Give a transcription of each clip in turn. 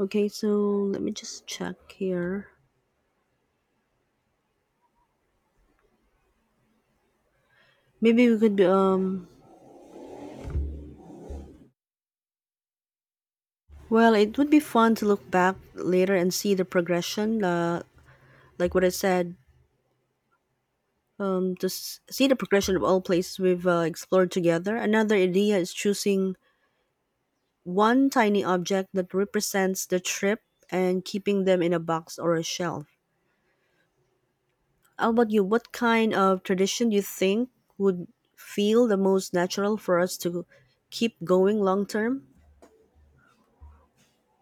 Okay, so let me just check here. Maybe we could be well, it would be fun to look back later and see the progression, like what I said, to see the progression of all places we've explored together. Another idea is choosing one tiny object that represents the trip and keeping them in a box or a shelf. How about you? What kind of tradition do you think would feel the most natural for us to keep going long term?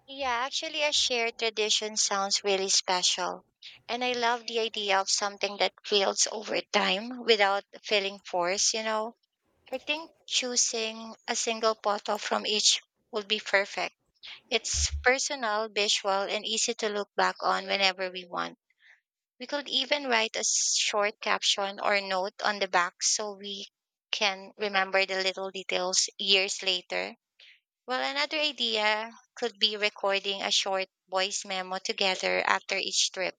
Yeah, actually, a shared tradition sounds really special. And I love the idea of something that builds over time without feeling forced. I think choosing a single photo from each would be perfect. It's personal, visual, and easy to look back on whenever we want. We could even write a short caption or note on the back so we can remember the little details years later. Well, another idea could be recording a short voice memo together after each trip,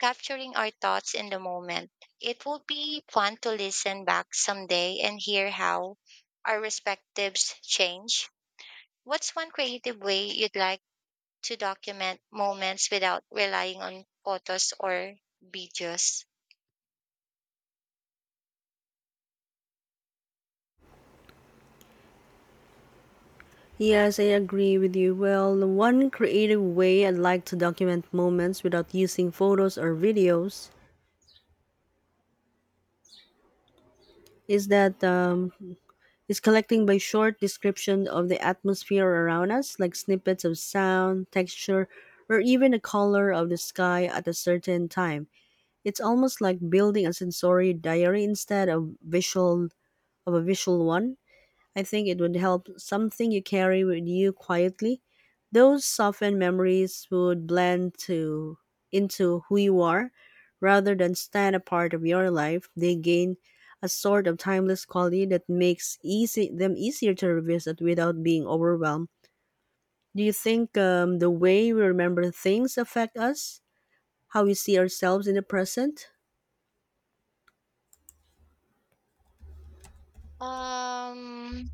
capturing our thoughts in the moment. It would be fun to listen back someday and hear how our respectives change. What's one creative way you'd like to document moments without relying on photos or videos? Yes, I agree with you. Well, one creative way I'd like to document moments without using photos or videos is that is collecting by short description of the atmosphere around us, like snippets of sound, texture, or even the color of the sky at a certain time. It's almost like building a sensory diary instead of visual of a visual one. I think it would help something you carry with you quietly. Those softened memories would blend to into who you are rather than stand a part of your life. They gain a sort of timeless quality that makes easy them easier to revisit without being overwhelmed. Do you think the way we remember things affect us, how we see ourselves in the present? Um,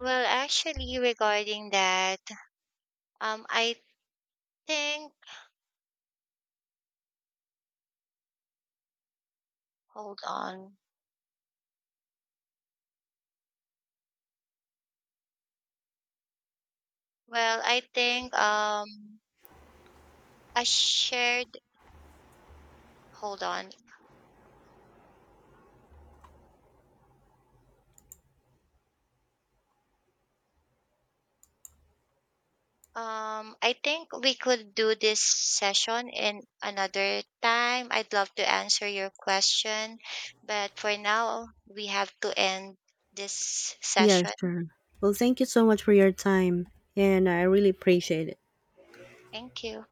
well, actually, regarding that, I think, hold on. Well, I think a shared hold on. I think we could do this session in another time. I'd love to answer your question, but for now we have to end this Yes, session. sure. Well, thank you so much for your time, and I really appreciate it. Thank you.